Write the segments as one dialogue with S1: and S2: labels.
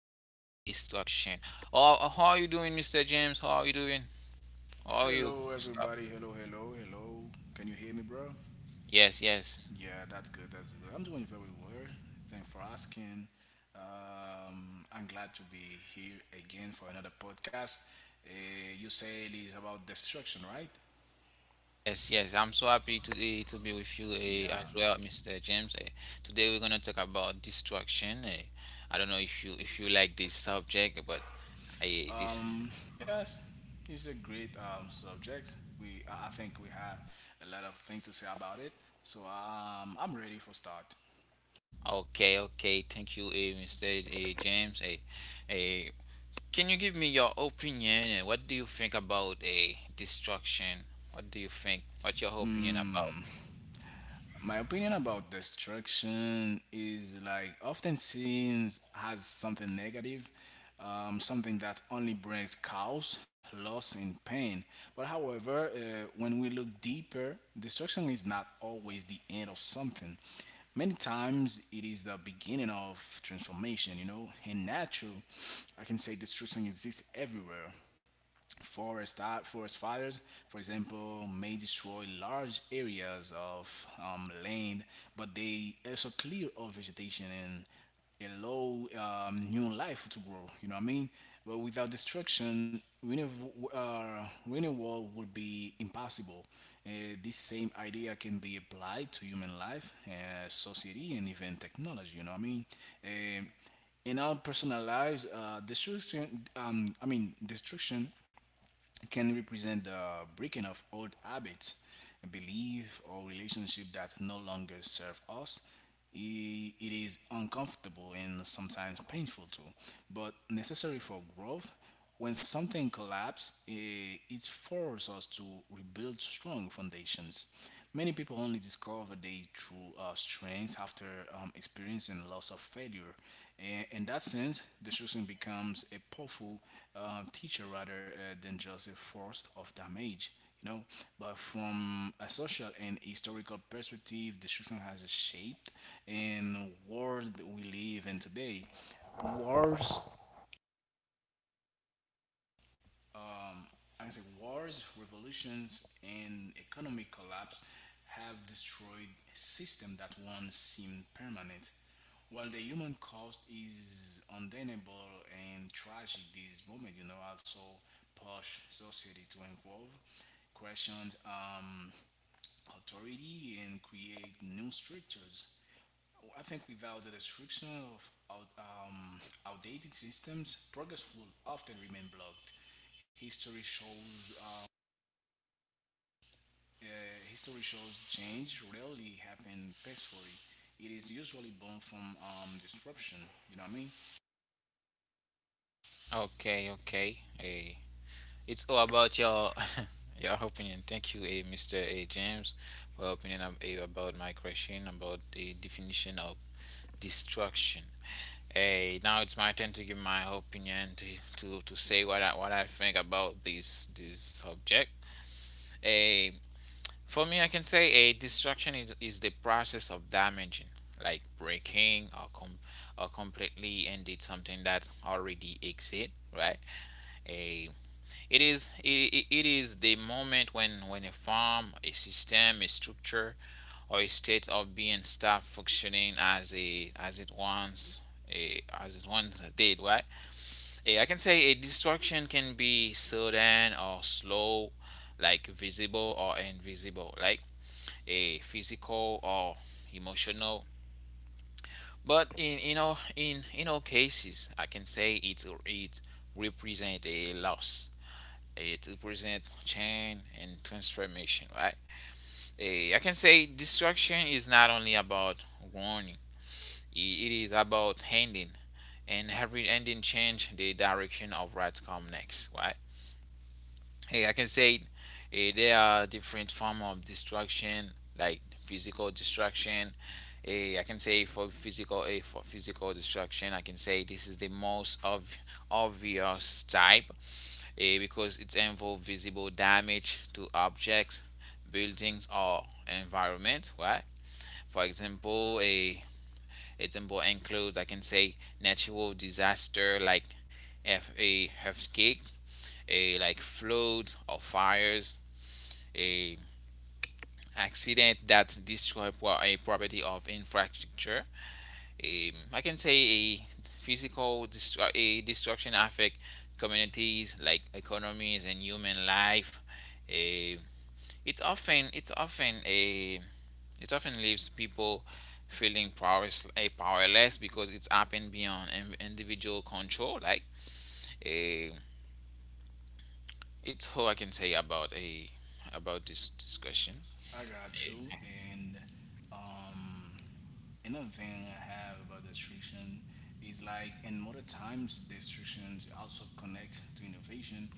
S1: destruction. Oh, how are you doing, Mr. James? How are you doing? How are you?
S2: Hello,
S1: What's up?
S2: everybody. Hello, hello, hello. Can you hear me, bro?
S1: Yes, yes.
S2: Yeah, that's good. That's good. I'm doing very well. Thanks for asking. I'm glad to be here again for another podcast. You say it's about destruction, right?
S1: Yes, yes, I'm so happy today to be with you as
S2: Yeah.
S1: well, Mr. James. Today we're gonna talk about destruction. I don't know if you like this subject, but I this
S2: Um, yes, it's a great subject. We, I think we have a lot of things to say about it. So I'm ready for start.
S1: Okay, okay. Thank you, Mr. James. Eh, can you give me your opinion and what do you think about a destruction? What do you think? What's your opinion about?
S2: Hmm. My opinion about destruction is like often seen as something negative, something that only brings chaos, loss, and pain. But however, when we look deeper, destruction is not always the end of something. Many times it is the beginning of transformation, you know. In nature, I can say destruction exists everywhere. Forest fires, for example, may destroy large areas of land, but they also clear all vegetation and allow new life to grow. You know what I mean? But without destruction, renewal would be impossible. Uh, this same idea can be applied to human life, society, and even technology. You know what I mean? Um in our personal lives, destruction can represent the breaking of old habits, belief, or relationship that no longer serve us. It is uncomfortable and sometimes painful too, but necessary for growth. When something collapses, it forces us to rebuild strong foundations. Many people only discover their true strengths after experiencing loss of failure. And in that sense, destruction becomes a powerful teacher rather than just a force of damage. You know, but from a social and historical perspective, destruction has shaped in the world that we live in today. Wars um, I can say Wars, revolutions, and economic collapse have destroyed a system that once seemed permanent. While the human cost is undeniable and tragic, this moment, you know, also push society to evolve, question um, authority, and create new structures. I think without the destruction of outdated systems, progress will often remain blocked. History shows uh, uh, History shows change rarely happen peacefully. It is usually born from disruption. You know what I mean?
S1: Okay, okay. It's all about your your opinion. Thank you, Mr. James, for opinion about my question about the definition of destruction. Hey, now it's my turn to give my opinion to say what I think about this subject. Eh, For me, I can say a destruction is the process of damaging, like breaking or or completely ended something that already exists, right? A It it is the moment when a form, a system, a structure, or a state of being stop functioning as it as it once did, right? I can say a destruction can be sudden or slow, like visible or invisible. Like a physical or emotional. But in in all cases, I can say it represent a loss. It represent change and transformation, right? I can say destruction is not only about warning. It is about ending, and every ending change the direction of what come next, right? Hey, I can say there are different form of distraction, like physical distraction. I can say for for physical distraction, I can say this is the most of obvious type because it involves visible damage to objects, buildings, or environment. Right? For example, a example includes I can say natural disaster like F a earthquake, a like floods or fires, a accident that destroy a property of infrastructure. I can say a destruction affect communities like economies and human life. Eh, it's often a it often leaves people feeling powerless, powerless because it's happened beyond individual control. Like eh, it's all I can say about a about this discussion.
S2: I got
S1: Eh,
S2: you. And um, another thing I have about destruction is like in modern times, destructions also connect to innovation.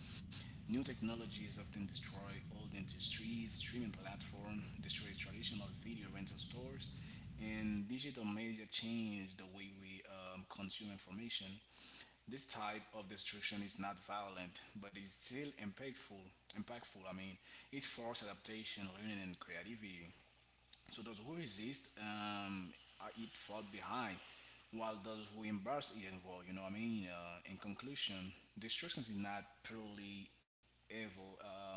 S2: New technologies often destroy old industries, streaming platforms destroy traditional video rental stores, and digital media change the way we consume information. This type of destruction is not violent, but it's still impactful. Impactful. I mean, it forces adaptation, learning, and creativity. So those who resist are it fall behind, while those who embrace it evolve. You know what I mean? In conclusion, destruction is not purely evil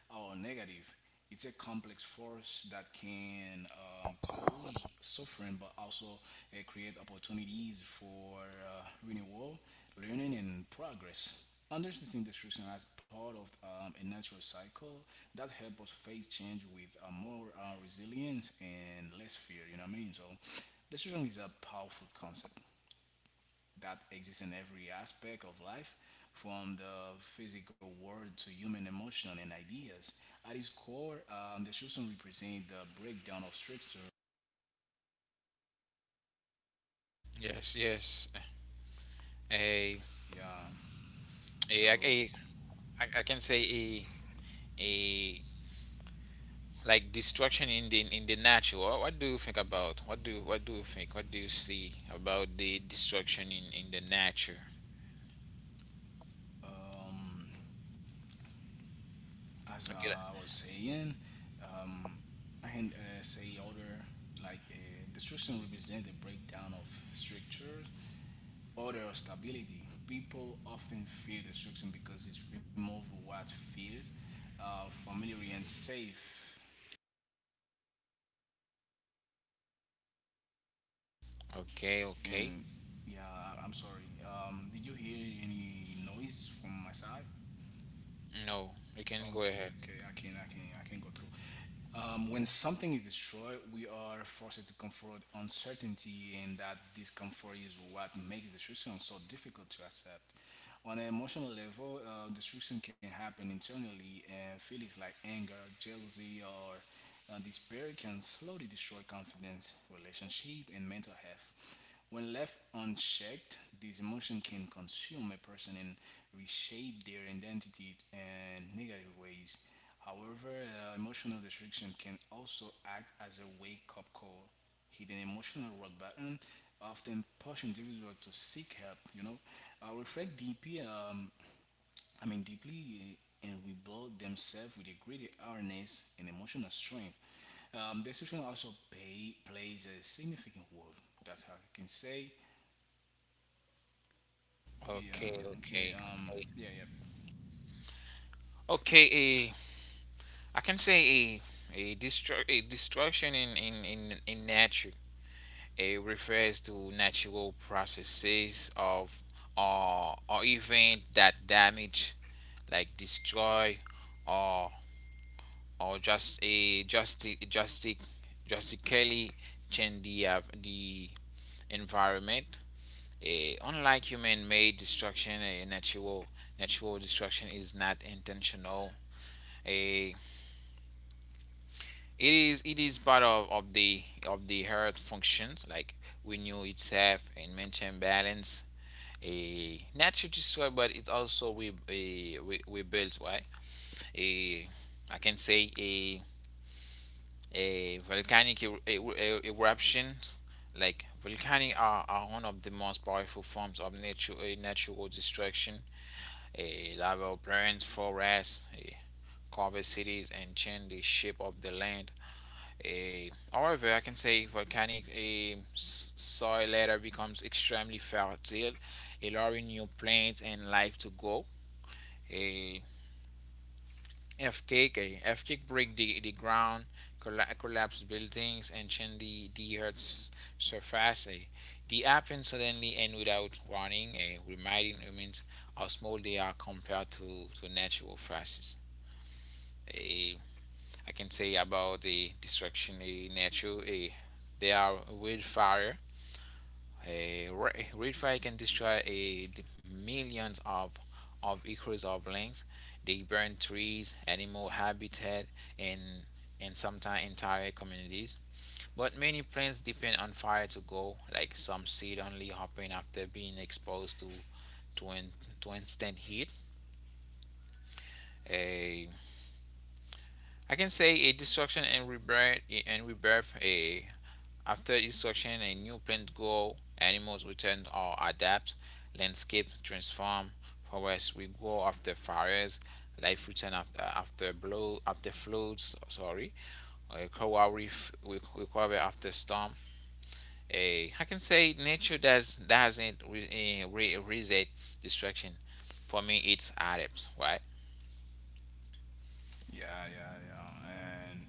S2: or negative. It's a complex force that can cause suffering, but also create opportunities for renewal, learning, and progress. Understanding destruction as part of a natural cycle that helps us face change with more resilience and less fear. You know what I mean? So, destruction is a powerful concept that exists in every aspect of life, from the physical world to human emotion and ideas. At its core, the Shusum represent the breakdown of structure.
S1: Yes, yes. Uh,
S2: Yeah.
S1: a,
S2: So,
S1: a, I can say a like destruction in the nature. What do you think about? What do you think? What do you see about the destruction in the nature?
S2: um, as
S1: Okay, that-
S2: I was saying, um, I can say other like destruction represents the breakdown of structures, order, or stability. People often fear destruction because it removes what feels familiar and safe.
S1: okay, okay.
S2: And yeah, I'm sorry. Did you hear any noise from my side?
S1: No, you can go
S2: Okay,
S1: ahead.
S2: okay, I can go through. When something is destroyed, we are forced to confront uncertainty, and that discomfort is what makes destruction so difficult to accept. On an emotional level, destruction can happen internally, and feelings like anger, jealousy, or despair can slowly destroy confidence, relationship, and mental health. When left unchecked, these emotions can consume a person and reshape their identity in negative ways. However, emotional restriction can also act as a wake up call. Hidden emotional rock button often push individuals to seek help, you know, reflect deeply, deeply and rebuild themselves with a greater awareness and emotional strength. The situation also plays a significant role. That's how I can say.
S1: Okay,
S2: Yeah. Okay.
S1: okay, okay.
S2: Yeah. Yeah.
S1: Okay, a I can say a destruction in in nature. It refers to natural processes of or event that damage like destroy or or just a just drastically change the environment. Unlike human-made destruction, a natural destruction is not intentional. A It is part of the earth functions like renew itself and maintain balance. A natural destroy, but it also we builds right. A I can say a volcanic eruptions like volcanic are one of the most powerful forms of nature natural destruction a lava burns forests, covers cities and change the shape of the land. However, I can say volcanic soil later becomes extremely fertile, allowing new plants and life to grow. Eh, Earthquake break the ground, collapse buildings, and change the Earth's surface. Eh. They happen suddenly and without warning, reminding humans how small they are compared to natural forces. Eh, I can say about the destruction in nature, they are wildfire, Redfire can destroy millions of acres of lands. They burn trees, animal habitat, and and sometimes entire communities. But many plants depend on fire to go. Like some seed only hopping after being exposed to, in, to instant heat. A I can say a destruction and rebirth. A After instruction a new plant grow, animals return or adapt, landscape transform, forests regrow after fires, life return after floods. Sorry, a coral reef recover after storm. A I can say nature doesn't reset destruction. For me, it's adapts, right?
S2: Yeah. Yeah. Yeah. And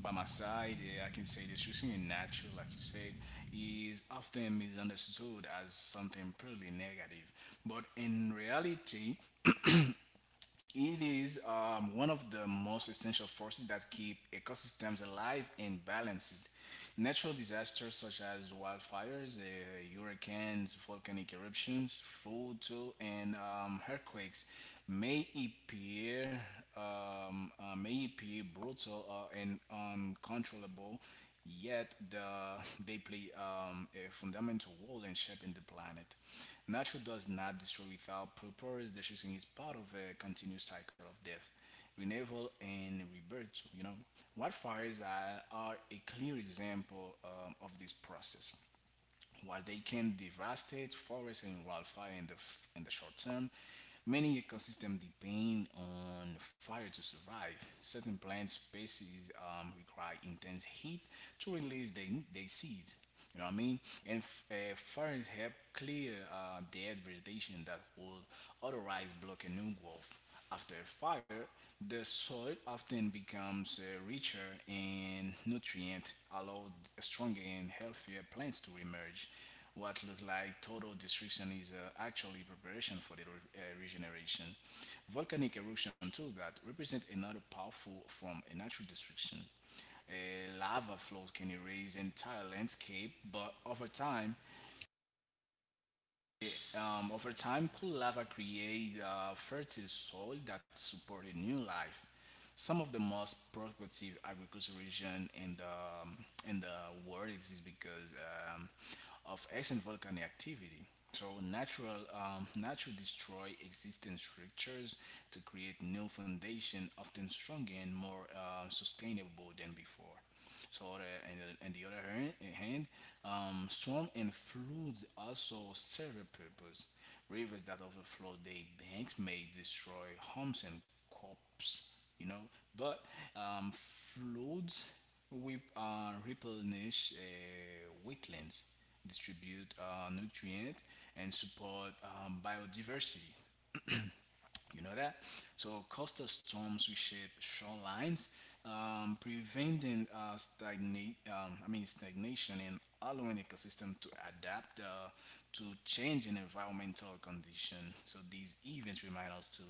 S2: by my side, yeah, I can say this. Choosing natural, like you said, is often misunderstood as something purely negative, but in reality, it is one of the most essential forces that keep ecosystems alive and balanced. Natural disasters such as wildfires, hurricanes, volcanic eruptions, flood too, and earthquakes may appear may appear brutal and uncontrollable, yet they play a fundamental role in shaping the planet. Nature does not destroy without purpose. Destruction is part of a continuous cycle of death, renewal, and rebirth, you know. Wildfires are, are a clear example of this process. While they can devastate forests and wildfire in in the short term, many ecosystems depend on fire to survive. Certain plant species require intense heat to release their seeds. You know what I mean? And fires help clear dead vegetation that would otherwise block a new growth. After a fire, the soil often becomes richer in nutrient, allow stronger and healthier plants to emerge. What look like total destruction is actually preparation for the regeneration. Volcanic eruption too that represent another powerful form of natural destruction. A lava flow can erase entire landscape, but over time, cool lava create fertile soil that supported new life. Some of the most productive agricultural region in the in the world exist because um, of ancient volcanic activity. So natural destroy existing structures to create new foundation, often stronger and more sustainable than before. So on and the other hand, storm and floods also serve a purpose. Rivers that overflow their banks may destroy homes and crops, you know. But floods we replenish wetlands, distribute nutrient, and support biodiversity. You know that? So coastal storms reshape shorelines, preventing stagnate, I mean stagnation and allowing ecosystem to adapt to changing environmental condition. So these events remind us to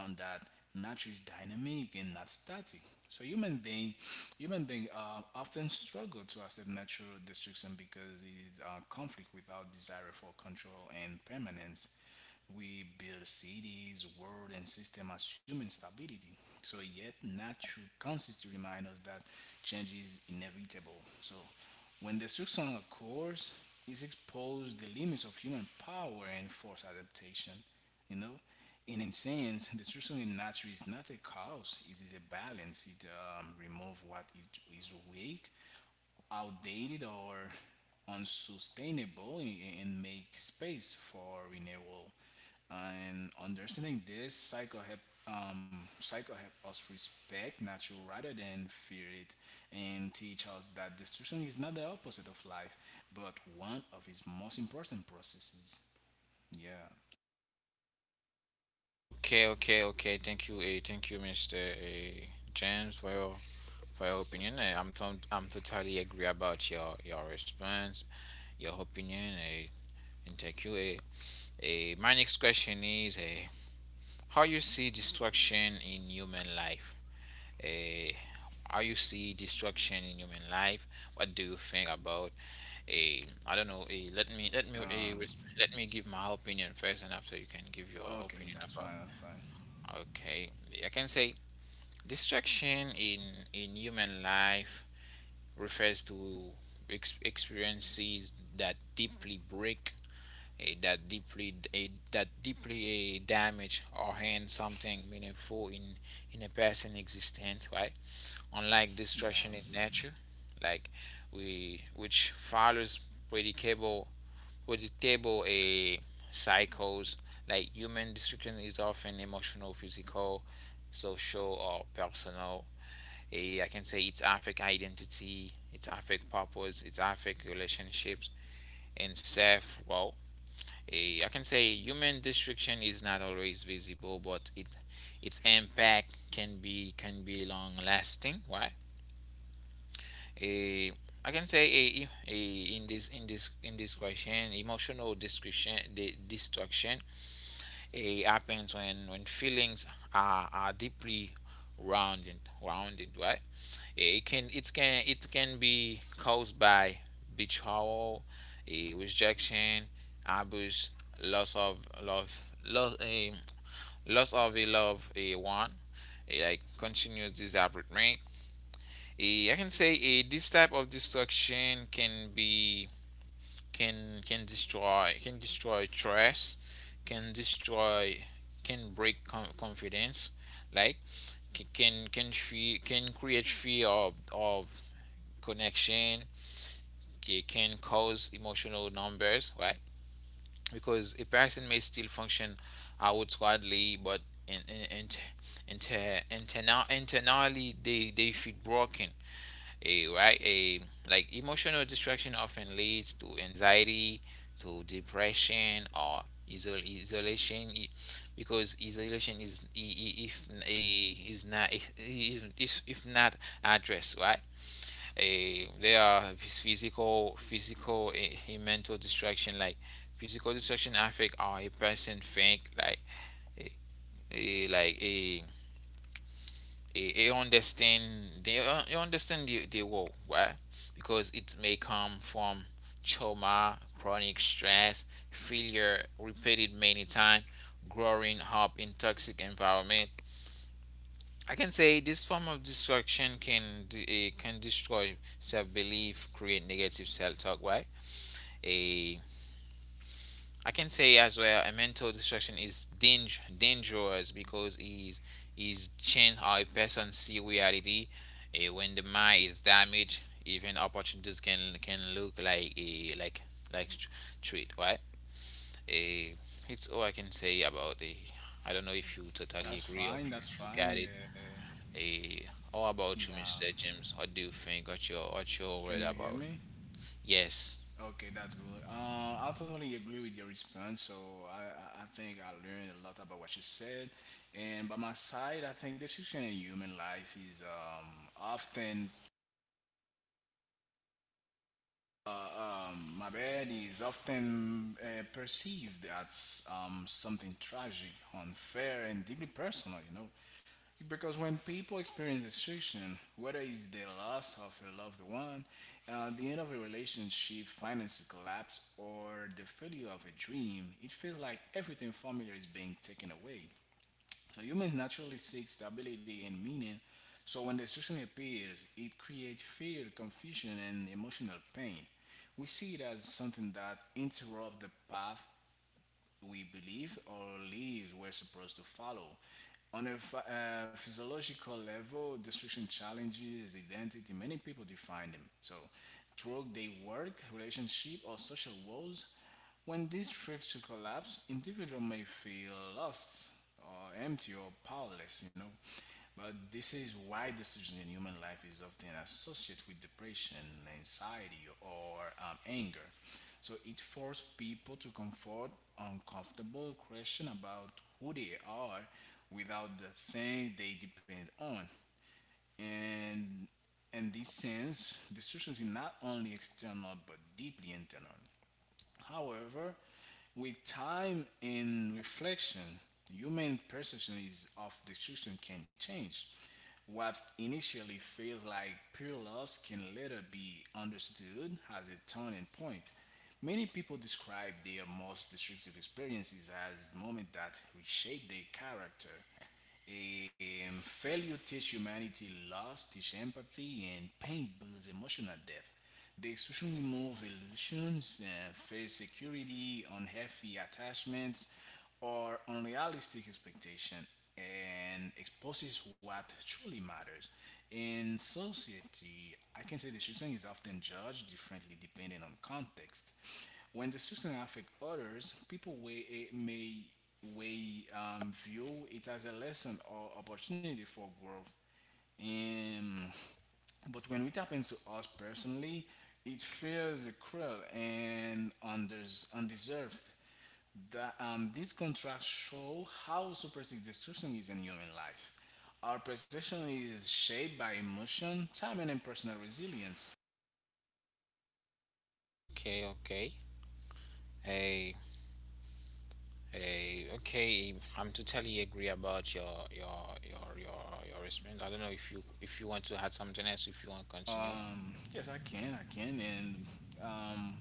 S2: on that nature is dynamic and not static. So human being often struggle to accept natural destruction because it is conflict without desire for control and permanence. We build cities, world, and system assuming stability. So yet, nature constantly reminds us that change is inevitable. So when destruction occurs, it exposes the limits of human power and force adaptation. You know, in a sense, destruction in nature is not a chaos. It is a balance. It removes is weak, outdated, or unsustainable, and make space for renewal. And understanding this cycle help us respect nature rather than fear it, and teach us that destruction is not the opposite of life, but one of its most important processes. Yeah.
S1: Okay. Thank you, thank you, Mr. James, for your opinion. I'm totally agree about your response, your opinion, and thank you. My next question is how you see destruction in human life. Eh, how you see destruction in human life? What do you think about? I don't know. Let me
S2: Um.
S1: let me give my opinion first, and after you can give your
S2: Okay,
S1: opinion
S2: that's
S1: about.
S2: fine. That's fine.
S1: Okay, I can say destruction in human life refers to experiences that deeply break, that deeply damage or end something meaningful in a person's existence, right? Unlike
S2: Yeah,
S1: destruction in nature, like we which follows predictable predictable a cycles, like human destruction is often emotional, physical, social, or personal. A I can say its affect identity, its affect purpose, its affect relationships, and self. Well, I can say human destruction is not always visible, but it its impact can be long lasting. Why? A, I can say a, in this in this in this question, emotional destruction happens when feelings are deeply rounded rounded, right? It can be caused by betrayal, a rejection, abuse, loss of love, loss of a loved a one, like continuous disappointment. I can say a this type of destruction can be can destroy trust, can destroy can break confidence, like can fear, can create fear of connection. Okay, it can cause emotional numbers, right, because a person may still function outwardly but in, in, in, internally they feel broken, a right a like emotional distraction often leads to anxiety, to depression or isolation, because isolation is if if not addressed right. a There are mental distraction, like physical distraction affect how a person think, a, like a understand they understand the world, right, because it may come from trauma, chronic stress, failure repeated many times, growing up in toxic environment. I can say this form of distraction can destroy self belief, create negative self talk. Why? A I can say as well a mental distraction is dangerous because is change how a person see reality. When the mind is damaged, even opportunities can look like a like like treat, right. Eh, it's all I can say about the. I don't know if you totally
S2: that's
S1: agree or
S2: fine. That's
S1: if you
S2: fine.
S1: got it.
S2: Yeah.
S1: Eh, how about you,
S2: Yeah.
S1: Mr. James? What do you think? What your
S2: Can
S1: word
S2: you hear
S1: about?
S2: me?
S1: Yes.
S2: Okay, that's good. I totally agree with your response. So I, I think I learned a lot about what you said. And by my side, I think the situation in human life is often, uh, is often perceived as something tragic, unfair, and deeply personal, you know. Because when people experience destruction, whether it's the loss of a loved one, the end of a relationship, finances collapse, or the failure of a dream, it feels like everything familiar is being taken away. So humans naturally seek stability and meaning. So when destruction appears, it creates fear, confusion, and emotional pain. We see it as something that interrupts the path we believe or live we're supposed to follow. On a physiological level, destruction challenges identity. Many people define them. So, through their work, relationship, or social roles, when these structures collapse, individual may feel lost or empty or powerless, you know. But this is why decision in human life is often associated with depression, anxiety, or anger. So it forces people to confront uncomfortable questions about who they are without the thing they depend on. And in this sense, distortions is not only external but deeply internal. However, with time and reflection, human perception is of destruction can change. What initially feels like pure loss can later be understood as a turning point. Many people describe their most destructive experiences as moments that reshape their character. Failure teaches humanity loss, teach empathy, and pain builds emotional depth. The extremely more evolutions, fair security, unhealthy attachments, or unrealistic expectation, and exposes what truly matters. In society, I can say the shooting is often judged differently depending on context. When the shooting affect others, people weigh, eh, may weigh view it as a lesson or opportunity for growth. Um. But when it happens to us personally, it feels cruel and undeserved. These contracts show how superstitious destruction is in human life. Our perception is shaped by emotion, time, and personal resilience.
S1: Okay. Okay. Eh. Okay, I'm totally agree about your response. I don't know if you want to add something else if you want to continue.
S2: Yes, I can. I can. And um,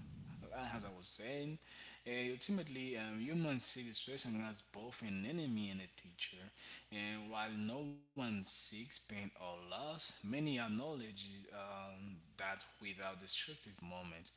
S2: as I was saying, ultimately, humans see distraction as both an enemy and a teacher. And while no one seeks pain or loss, many acknowledge um, that without destructive moment.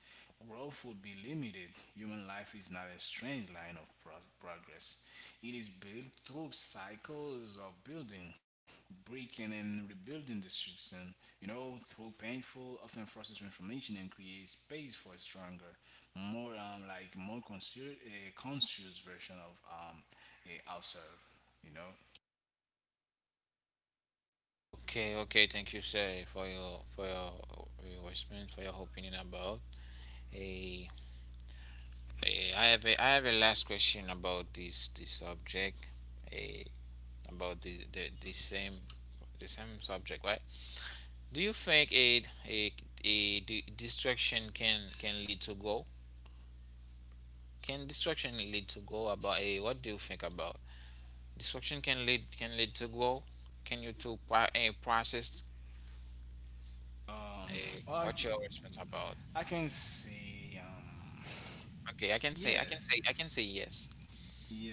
S2: Growth would be limited. Human life is not a straight line of progress. It is built through cycles of building, breaking, and rebuilding the system, you know, through painful, often forces transformation and create space for a stronger, more more conscious, a conscious version of a ourselves, you know.
S1: Okay, okay, thank you, sir, for your response, for your opinion about. A, I have a last question about this subject, A about the same subject, right? Do you think distraction can lead to growth? Can distraction lead to goal? About a what do you think about distraction? Can lead to goal? Can you to a process?
S2: Um, I,
S1: What your response about?
S2: I can say, yes,
S1: I can say yes.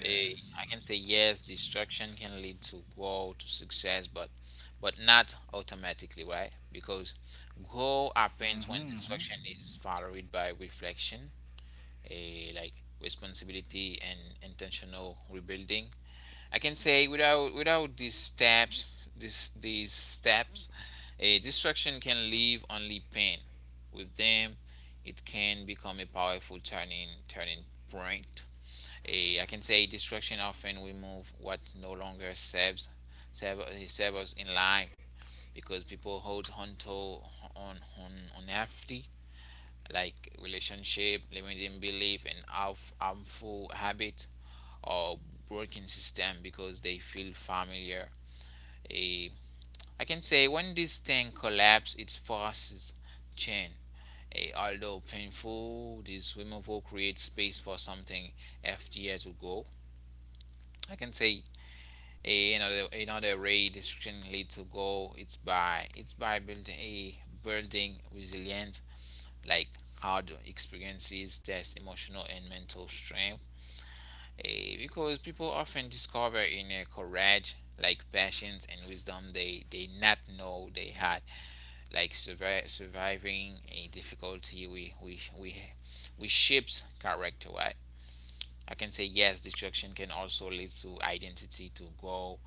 S1: Eh, I can say yes. Distraction can lead to goal to success, but not automatically, right? Because goal happens when
S2: Hmm.
S1: distraction is followed by reflection, like responsibility and intentional rebuilding. I can say without these steps, this these steps, a distraction can leave only pain. With them, it can become a powerful turning point. I can say distraction often remove what no longer serve, us in life because people hold on to on on unhealthy like relationship, limiting belief, and harmful habit or working system because they feel familiar. A, I can say when this thing collapses, it forces change. Although painful, this removal creates space for something FDR to go. I can say a, another another way destruction lead to go. It's by building a building resilience, like hard experiences, test emotional and mental strength. Because people often discover in a courage, like passions and wisdom they not know they had, like surviving a difficulty. We shapes character, right? I can say yes, distraction can also lead to identity to go.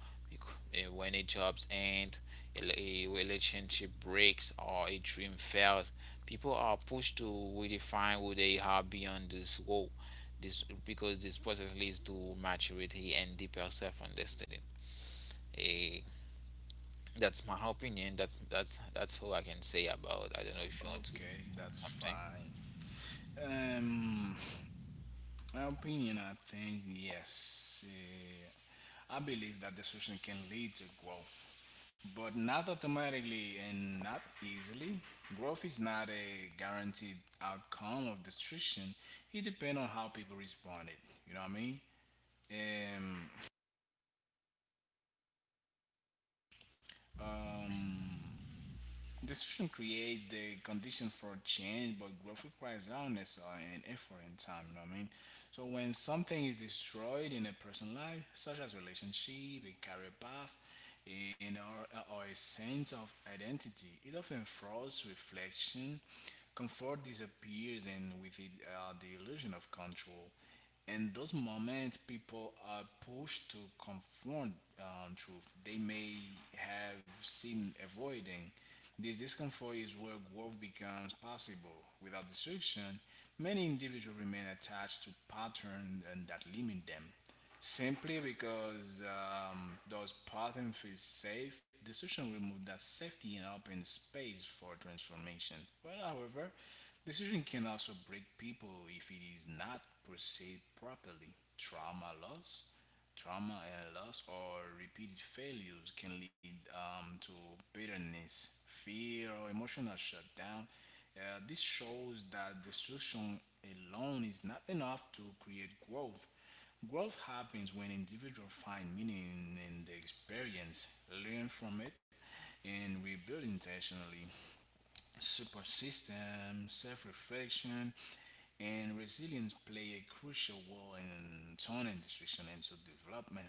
S1: When a jobs end, a relationship breaks, or a dream fails, people are pushed to redefine who they are beyond this role. This because this process leads to maturity and deeper self-understanding. Eh, that's my opinion. That's all I can say about. I don't know if you want to
S2: Okay,
S1: add
S2: that's
S1: something.
S2: fine. Um, my opinion, I think yes. I believe that the can lead to growth, but not automatically and not easily. Growth is not a guaranteed outcome of destruction. It depends on how people respond. It, you know what I mean? Um, um, Decision create the condition for change, but growth requires honest and effort and time. You know what I mean? So when something is destroyed in a person's life, such as relationship, a career path, and or a sense of identity, it often throws reflection. Comfort disappears, and with it, the illusion of control. In those moments, people are pushed to confront truth they may have seen avoiding this discomfort is where growth becomes possible. Without destruction, many individuals remain attached to patterns and that limit them. Simply because those patterns feel safe, decision remove that safety and open space for transformation. Well, however, decision can also break people if it is not perceived properly. Trauma and loss, or repeated failures can lead to bitterness, fear, or emotional shutdown. This shows that destruction alone is not enough to create growth. Growth happens when individuals find meaning in the experience, learn from it, and rebuild intentionally. Support system, self reflection, and resilience play a crucial role in turning destruction into development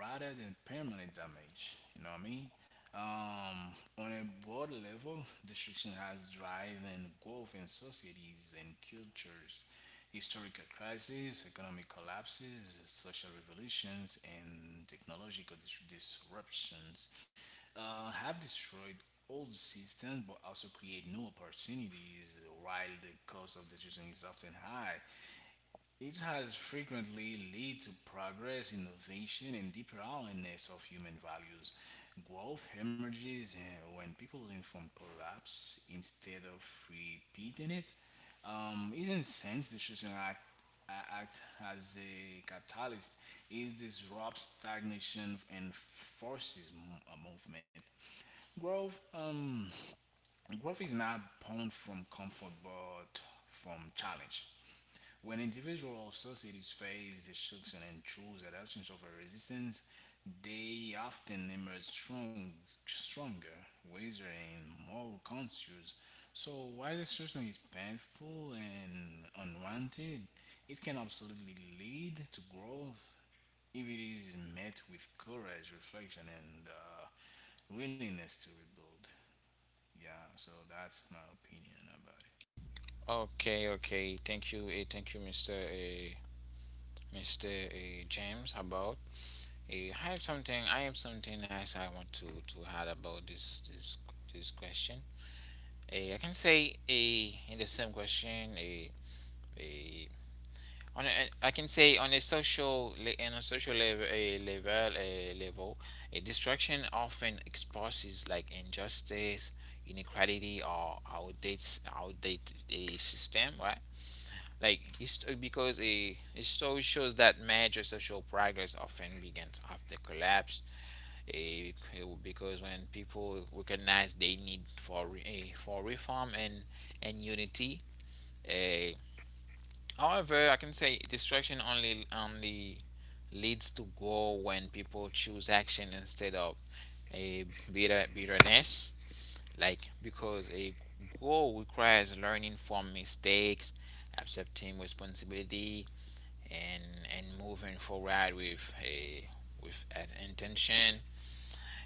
S2: rather than permanent damage. You know what I mean? Um, on a broad level, destruction has driven growth in societies and cultures. Historical crises, economic collapses, social revolutions, and technological disruptions have destroyed old systems but also create new opportunities while the cost of decision is often high. It has frequently led to progress, innovation, and deeper awareness of human values. Growth emerges when people learn from collapse instead of repeating it. Isn't sense decision act as a catalyst is disrupts stagnation and forces a movement. Growth, growth is not born from comfort, but from challenge. When individuals or societies face destruction and choose adoptions over resistance, they often emerge stronger, wiser, and more conscious. So while destruction is painful and unwanted, it can absolutely lead to growth if it is met with courage, reflection, and willingness to rebuild. Yeah, so that's my opinion about it.
S1: Okay, okay. Thank you. Thank you, Mr. Eh. Mr. James, about I have something. I have something else I want to add about this question. I can say a in the same question a I can say on a on a social level a level a level a distraction often exposes like injustice, inequality, or outdates outdated a system, right? Like because a history shows that major social progress often begins after collapse. eh, because when people recognize they need for for reform and unity. eh, However, I can say destruction only leads to go when people choose action instead of a bitterness. Like because a goal requires learning from mistakes, accepting responsibility, and and moving forward with a with an intention.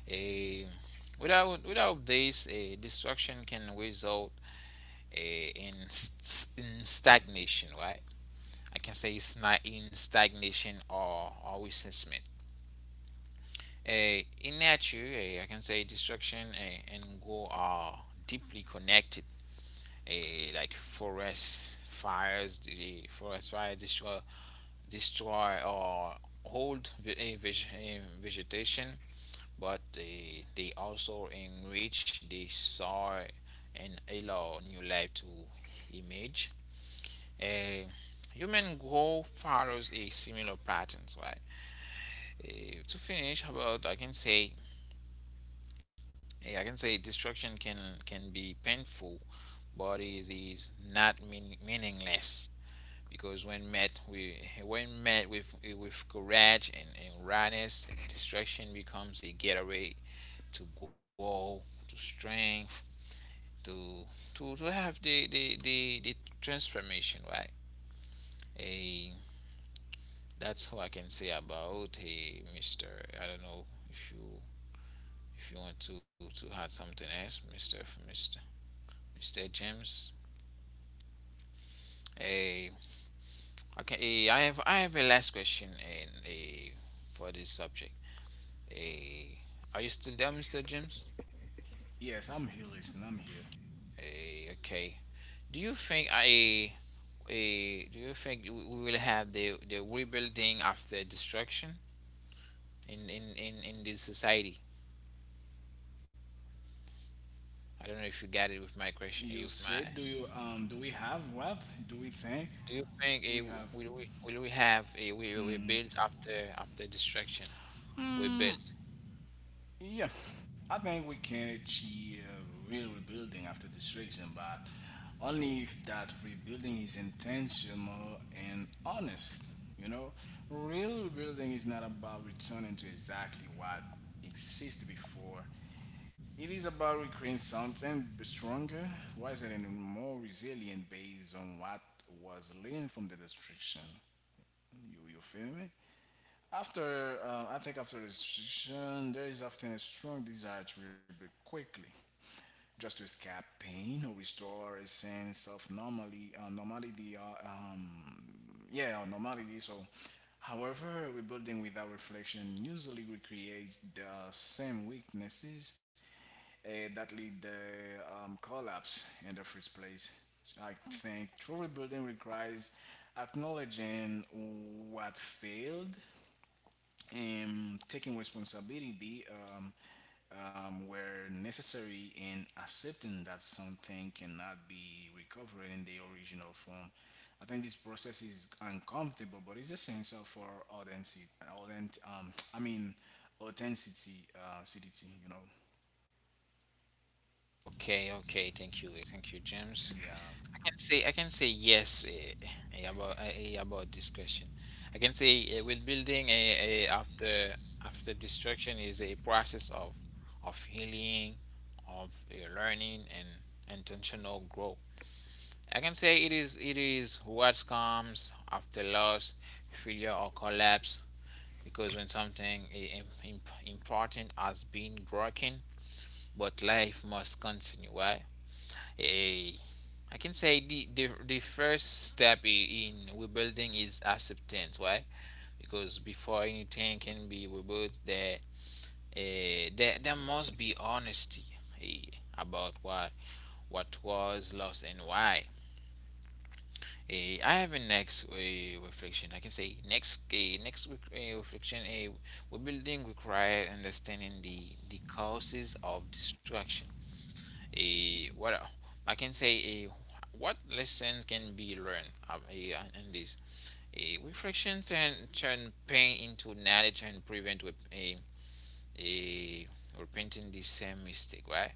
S1: A without without this, a destruction can result in stagnation. Right? I can say it's not in stagnation or resentment. A In nature, I can say destruction and go are deeply connected. A Like forest fires, the forest fire destroy or hold eh, vegetation, but they also enrich the soil and allow new life to emerge. Eh, Human growth follows a similar patterns, right? To finish, about I can say I can say destruction can be painful, but it is not meaningless. Because when met with courage and rawness, destruction becomes a gateway to grow, to strength, to to have the transformation, right? A That's what I can say about a Mister. I don't know if you want to add something else, Mister Mister James. A Okay, I have a last question and a for this subject. Hey, are you still there, Mr. James?
S2: Yes, I'm here listening. I'm here.
S1: Hey, okay. Do you think do you think we will have the rebuilding after destruction in this society? I don't know if you got it with my question.
S2: You said, do you do we have what? Do we think
S1: Do you think
S2: we have?
S1: will we have a we built after destruction? We
S2: Mm,
S1: built.
S2: yeah, I think we can achieve real rebuilding after destruction, but only if that rebuilding is intentional and honest. You know, real rebuilding is not about returning to exactly what existed before. It is about recreating something stronger, wiser, and more resilient based on what was learned from the destruction. You feel me? After, I think after the destruction, there is often a strong desire to rebuild quickly, just to escape pain or restore a sense of normality, yeah, normality. So, however, rebuilding without reflection usually recreates the same weaknesses that lead the collapse in the first place. I think true rebuilding requires acknowledging what failed and taking responsibility um, where necessary and accepting that something cannot be recovered in the original form. I think this process is uncomfortable, but it's essential for authenticity. I mean, authenticity, acidity, you know.
S1: Okay, okay. Thank you, thank you, James.
S2: Yeah.
S1: I can say yes about this question. I can say with building after after destruction is a process of healing, of learning and intentional growth. I can say it is what comes after loss, failure or collapse. Because when something important has been broken, but life must continue. Why? Eh, I can say the first step in rebuilding is acceptance. Why? Because before anything can be rebuilt, there must be honesty eh, about what was lost and why. Eh, I have a next reflection. I can say next reflection. Rebuilding requires understanding the causes of destruction a what el- I can say a what lessons can be learned and this a reflections and turn pain into knowledge and prevent with a repenting the same mistake, right?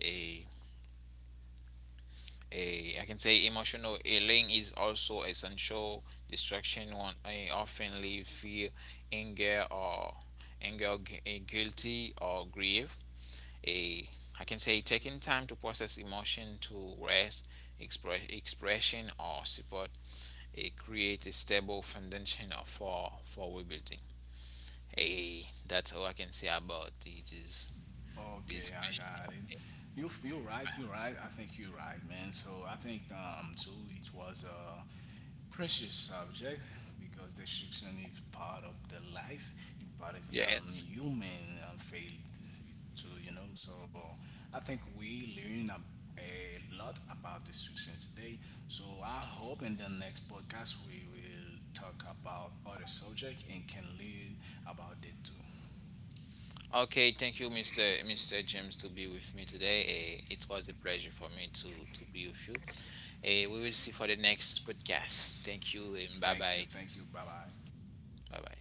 S1: a a I can say emotional healing is also essential. Distraction one often leave fear, anger or guilty or grief. A I can say taking time to process emotion to rest, expression or support a create a stable foundation for rebuilding. A That's all I can say about this
S2: Okay,
S1: this
S2: I
S1: question.
S2: got it. You feel right. You're right. I think you're right, man. So I think too it was a precious subject because destruction is part of the life. It's part of
S1: Yes.
S2: human failed too. You know. So I think we learn a lot about destruction today. So I hope in the next podcast we will talk about other subject and can learn about it too.
S1: Okay, thank you, Mr. James, to be with me today. Eh, it was a pleasure for me to be with you. Eh, we will see for the next podcast. Thank you and bye
S2: Thank you.
S1: bye.
S2: Thank you. Bye bye.
S1: Bye bye.